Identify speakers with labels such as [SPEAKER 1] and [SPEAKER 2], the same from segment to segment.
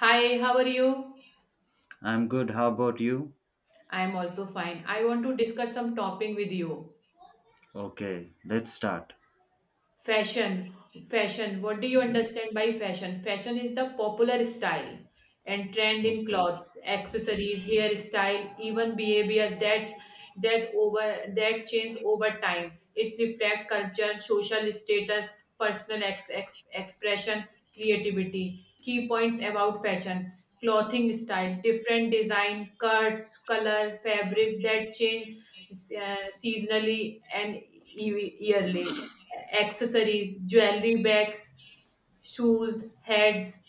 [SPEAKER 1] Hi, how are you?
[SPEAKER 2] I'm good. How about you?
[SPEAKER 1] I am also fine. I want to discuss some topic with you.
[SPEAKER 2] Okay, let's start.
[SPEAKER 1] Fashion, fashion. What do you understand by fashion? Fashion is the popular style and trend in
[SPEAKER 2] Okay.
[SPEAKER 1] clothes, accessories, hairstyle, even behavior that change over time. It reflects culture, social status, personal expression, creativity. Key points about fashion: clothing style, different design, cuts, color, fabric that change seasonally and yearly accessories, jewelry bags, shoes, heads,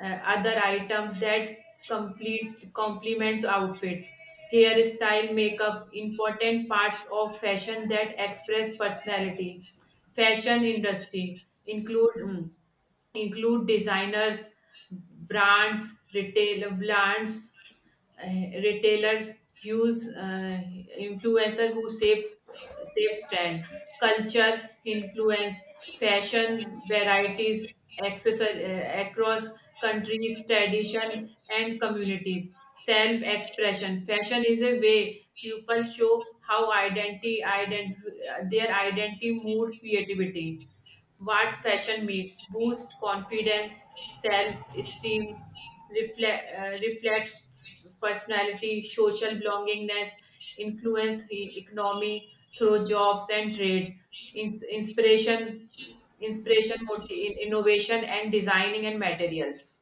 [SPEAKER 1] uh, other items that complete complements outfits. Hairstyle, makeup, important parts of fashion that express personality. Fashion industry include designers, brands, retail brands, retailers use influencer who save trend, culture, influence, fashion varieties, across countries, tradition, and communities. Self expression. Fashion is a way people show how their identity, mood, creativity. What fashion means boost confidence, self esteem, reflects personality, social belongingness, influence the economy through jobs and trade, inspiration inspiration, mot- in innovation, and designing and materials.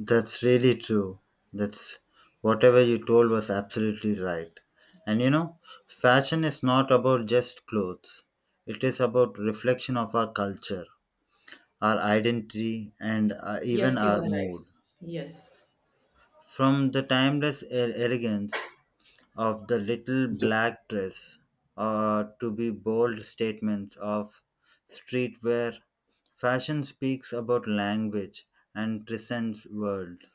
[SPEAKER 2] That's really true. That's whatever you told was absolutely right. And you know, fashion is not about just clothes. It is about reflection of our culture, our identity, and even
[SPEAKER 1] Yes, you are
[SPEAKER 2] our
[SPEAKER 1] right.
[SPEAKER 2] mood.
[SPEAKER 1] Yes.
[SPEAKER 2] From the timeless elegance of the little
[SPEAKER 1] So,
[SPEAKER 2] black dress or to be bold statements of streetwear. Fashion speaks about language and transcends worlds.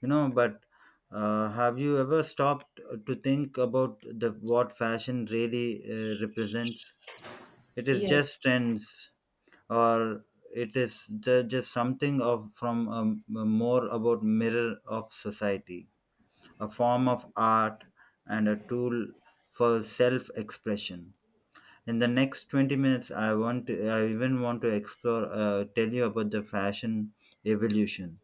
[SPEAKER 2] But have you ever stopped to think about the what fashion really represents? It is just
[SPEAKER 1] yes,
[SPEAKER 2] trends, or it is just something of from a more about mirror of society, a form of art, and a tool for self expression. In the next 20 minutes, I even want to explore, tell you about the fashion evolution,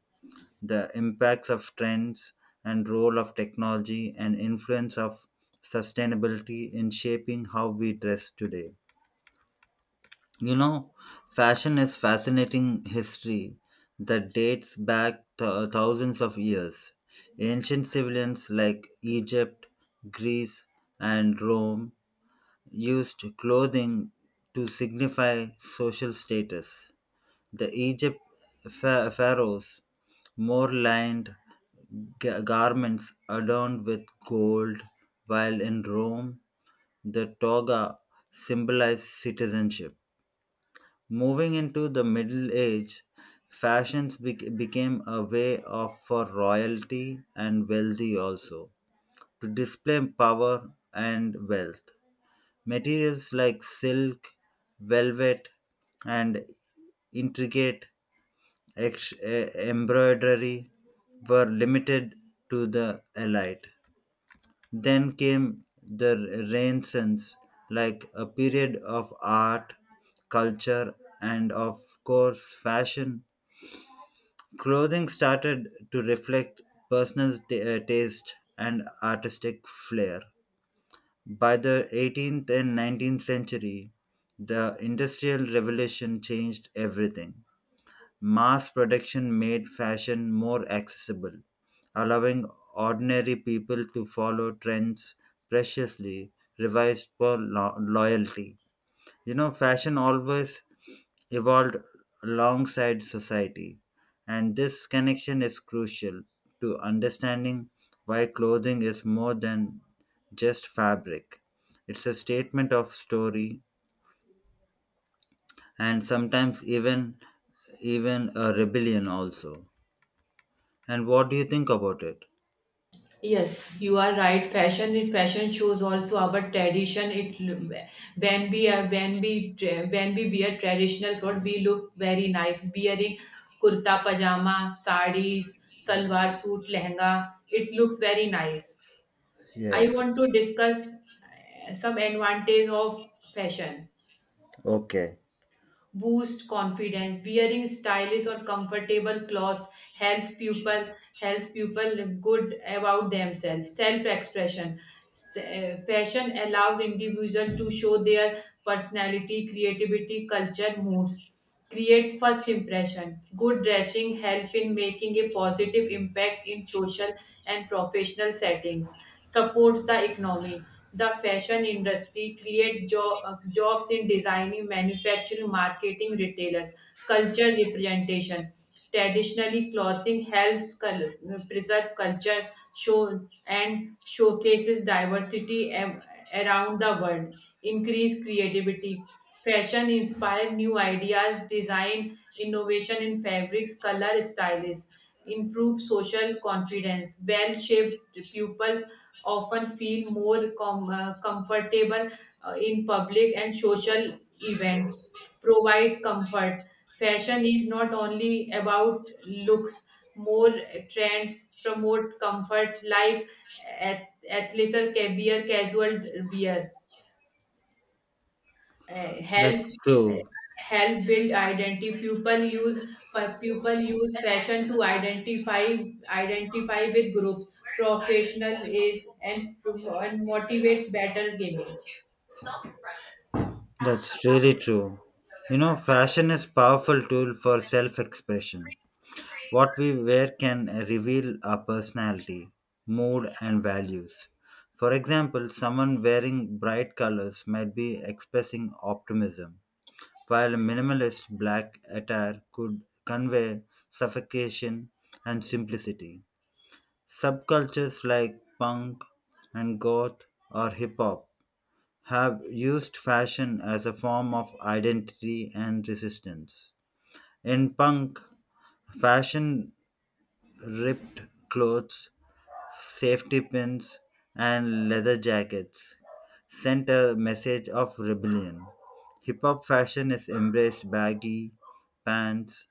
[SPEAKER 2] the impacts of trends and role of technology and influence of sustainability in shaping how we dress today. You know, fashion is fascinating history that dates back thousands of years. Ancient civilians like Egypt, Greece, and Rome used clothing to signify social status. The Egypt pharaohs more lined garments adorned with gold, while in Rome the toga symbolized citizenship. Moving into the Middle Age, fashions became a way of for royalty and wealthy also to display power and wealth. Materials like silk, velvet, and intricate embroidery were limited to the elite. Then came the Renaissance, like a period of art, culture, and of course, fashion. Clothing started to reflect personal taste and artistic flair. By the 18th and 19th century, the Industrial Revolution changed everything. Mass production made fashion more accessible, allowing ordinary people to follow trends preciously revised for loyalty. You know, fashion always evolved alongside society, and this connection is crucial to understanding why clothing is more than just fabric. It's a statement of story and sometimes even a rebellion also. And what do you think about it?
[SPEAKER 1] yes, you are right. Fashion in fashion shows also our tradition. It l- when we are when we tra- when we wear traditional clothes, we look very nice. Wearing kurta pajama, sarees, salwar suit, lehenga, it looks very nice. I
[SPEAKER 2] Yes.
[SPEAKER 1] want to discuss some advantage of fashion.
[SPEAKER 2] Okay.
[SPEAKER 1] Boost confidence, wearing stylish or comfortable clothes helps people helps people look good about themselves. Self expression, fashion allows individual to show their personality, creativity, culture, moods. Creates first impression, good dressing help in making a positive impact in social and professional settings. Supports the economy. The fashion industry create jobs in designing, manufacturing, marketing, retailers. Culture representation, traditionally, clothing preserve cultures, show and showcases diversity around the world. Increase creativity, fashion inspire new ideas, design innovation in fabrics, color styles. Improve social confidence, well-shaped pupils often feel more comfortable in public and social events. Provide comfort, fashion is not only about looks, more trends promote comforts like athleisure, caviar, casual wear. Uh, help
[SPEAKER 2] That's
[SPEAKER 1] uh,
[SPEAKER 2] true.
[SPEAKER 1] Help build identity, people use fashion to identify with groups. Professional is, and motivates better gaming.
[SPEAKER 2] That's really true. You know, fashion is powerful tool for self-expression. What we wear can reveal our personality, mood and values. For example, someone wearing bright colors might be expressing optimism, while a minimalist black attire could convey suffocation and simplicity. Subcultures like punk and goth or hip hop have used fashion as a form of identity and resistance. In punk, fashion ripped clothes, safety pins, and leather jackets sent a message of rebellion. Hip hop fashion is embraced baggy pants,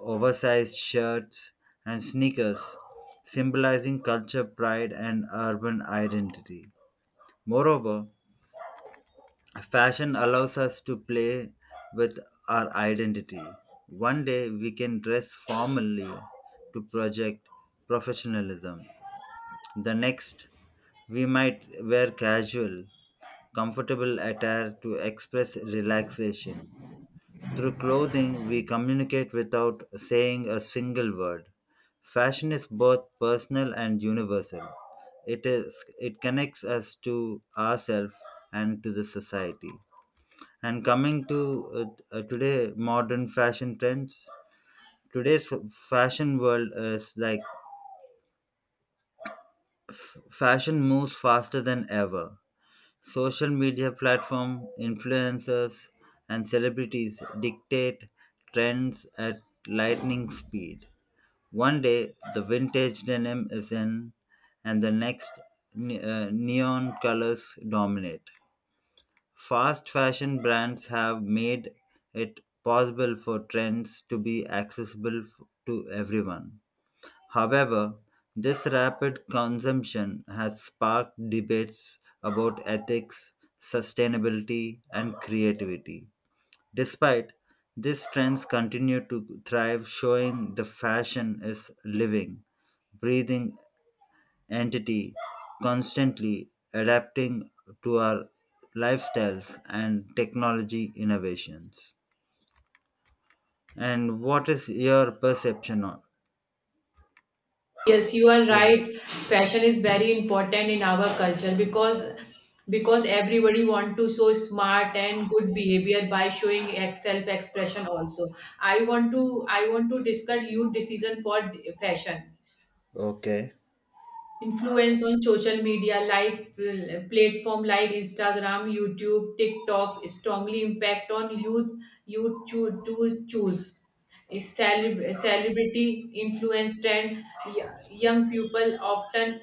[SPEAKER 2] oversized shirts, and sneakers, symbolizing culture, pride, and urban identity. Moreover, fashion allows us to play with our identity. One day we can dress formally to project professionalism. The next, we might wear casual, comfortable attire to express relaxation. Through clothing, we communicate without saying a single word. Fashion is both personal and universal. It connects us to ourselves and to the society. And coming to today modern fashion trends, today's fashion world is like fashion moves faster than ever. Social media platform, influencers, and celebrities dictate trends at lightning speed. One day the vintage denim is in, and the next neon colors dominate. Fast fashion brands have made it possible for trends to be accessible to everyone. However, this rapid consumption has sparked debates about ethics, sustainability, and creativity. Despite these trends continue to thrive, showing the fashion is living, breathing entity, constantly adapting to our lifestyles and technology innovations. And what is your perception on?
[SPEAKER 1] Yes, you are
[SPEAKER 2] Oh,
[SPEAKER 1] right. Fashion is very important in our culture because everybody want to show smart and good behavior by showing self-expression also. I want to I want to discuss youth decision for fashion
[SPEAKER 2] okay,
[SPEAKER 1] influence on social media, like platform like Instagram, YouTube, TikTok strongly impact on youth. To choose is celebrity influenced, and young people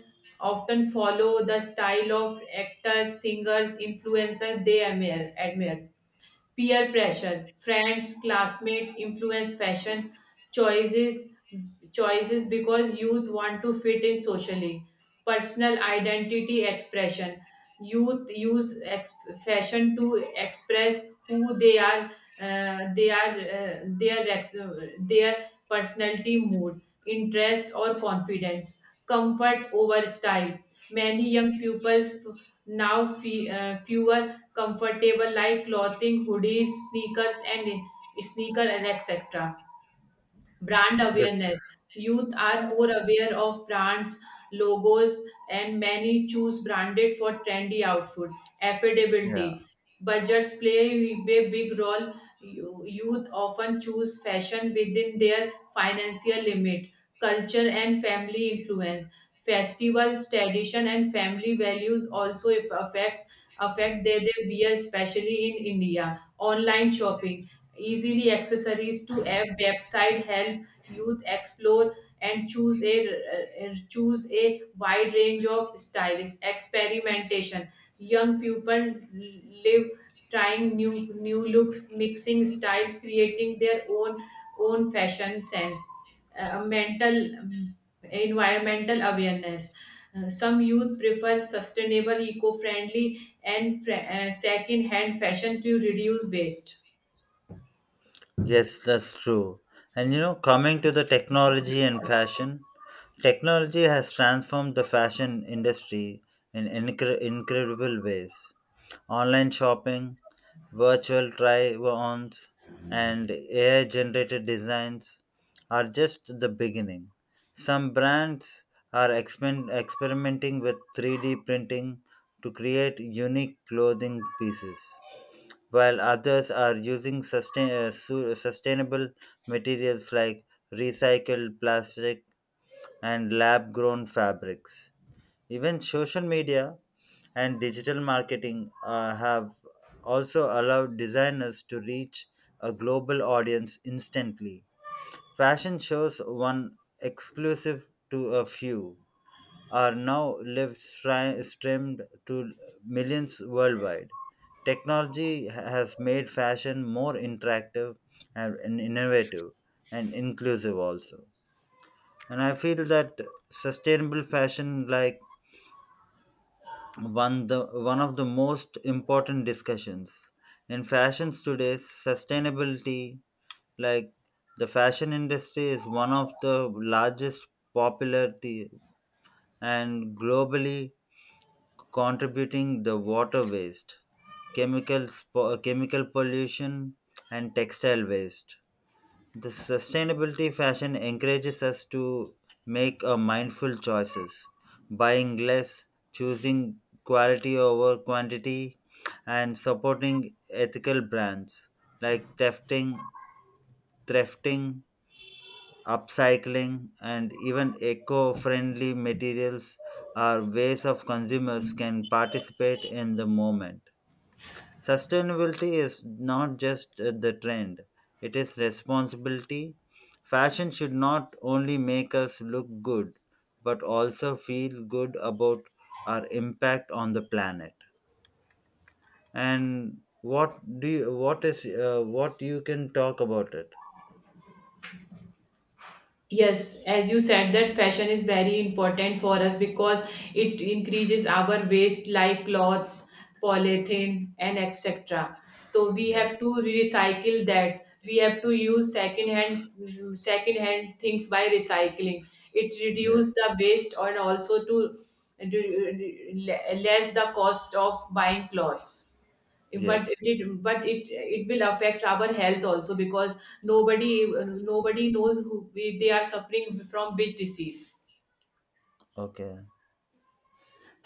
[SPEAKER 1] often follow the style of actors, singers, influencers they admire. Peer pressure, friends, classmate influence fashion choices choices because youth want to fit in socially. Personal identity expression, Youth use ex- fashion to express who they are uh, their ex- their personality, mood, interest, or confidence. Comfort over style, many young pupils fewer comfortable like clothing, hoodies, sneakers, and sneaker, and etc. Brand
[SPEAKER 2] that's
[SPEAKER 1] awareness, youth are more aware of brands, logos, and many choose branded for trendy outfit. Affordability,
[SPEAKER 2] yeah,
[SPEAKER 1] budgets play a big role. Youth often choose fashion within their financial limit. Culture and family influence, festivals, tradition, and family values also if affect their wear, especially in India. Online shopping, easily accessories to app, website help youth explore and choose a choose a wide range of stylish experimentation. Young people live trying new looks, mixing styles, creating their own fashion sense. Mental Environmental awareness, some youth prefer sustainable eco-friendly and second-hand fashion to reduce waste.
[SPEAKER 2] yes, that's true. And you know, coming to the technology and fashion, technology has transformed the fashion industry in incredible ways. Online shopping, virtual try ons, and AI generated designs are just the beginning. Some brands are experimenting with 3D printing to create unique clothing pieces, while others are using sustainable materials like recycled plastic and lab grown fabrics. Even social media and digital marketing have also allowed designers to reach a global audience instantly. Fashion shows, one exclusive to a few, are now live streamed to millions worldwide. Technology has made fashion more interactive and innovative and inclusive also, and I feel that sustainable fashion, like, one the one of the most important discussions in fashions today, sustainability, like, the fashion industry is one of the largest popularity and globally contributing the water waste, chemical pollution, and textile waste. The sustainability fashion encourages us to make a mindful choices, buying less, choosing quality over quantity, and supporting ethical brands like thrifting, upcycling, and even eco-friendly materials are ways of consumers can participate in the moment. Sustainability is not just the trend, it is responsibility. Fashion should not only make us look good, but also feel good about our impact on the planet. And what do you, what is what you can talk about it?
[SPEAKER 1] Yes, as you said, that fashion is very important for us because it increases our waste like clothes, polythene, and etc. So we have
[SPEAKER 2] Yes,
[SPEAKER 1] to recycle that. We have to use second hand things by recycling. It reduces
[SPEAKER 2] yes,
[SPEAKER 1] the waste and also to less the cost of buying clothes, but
[SPEAKER 2] yes.
[SPEAKER 1] but it will affect our health also because nobody nobody knows who they are suffering from which disease,
[SPEAKER 2] Okay,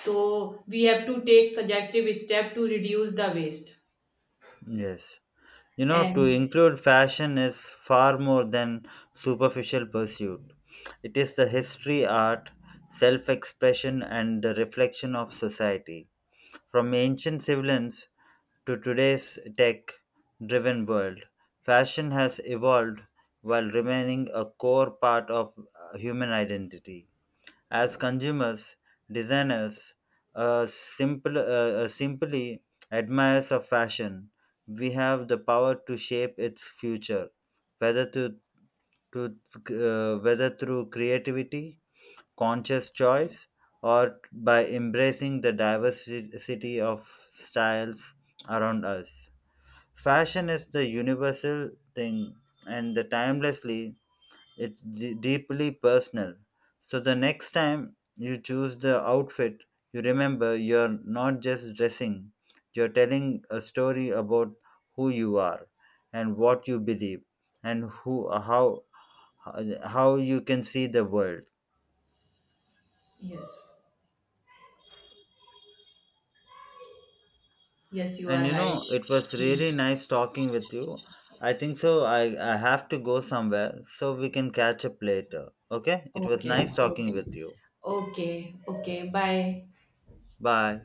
[SPEAKER 1] so we have to take suggestive step to reduce the waste.
[SPEAKER 2] yes. You know, to
[SPEAKER 1] And
[SPEAKER 2] include fashion is far more than superficial pursuit. It is the history, art, self expression, and the reflection of society. From ancient civilians to today's tech driven world, fashion has evolved while remaining a core part of human identity as consumers, designers, uh, simple, uh, simply admirers of fashion. We have the power to shape its future, whether to whether through creativity, conscious choice, or by embracing the diversity of styles around us. Fashion is the universal thing, and the timelessly it's deeply personal. So the next time you choose the outfit, you remember you're not just dressing, you're telling a story about who you are and what you believe and who how you can see the world.
[SPEAKER 1] yes, yes, you are
[SPEAKER 2] And you
[SPEAKER 1] right.
[SPEAKER 2] know, it was
[SPEAKER 1] Hmm.
[SPEAKER 2] really nice talking with you. I think so. I have to go somewhere so we can catch up later. Okay? It was
[SPEAKER 1] Okay,
[SPEAKER 2] nice talking
[SPEAKER 1] okay.
[SPEAKER 2] with you.
[SPEAKER 1] Okay, okay, bye.
[SPEAKER 2] Bye.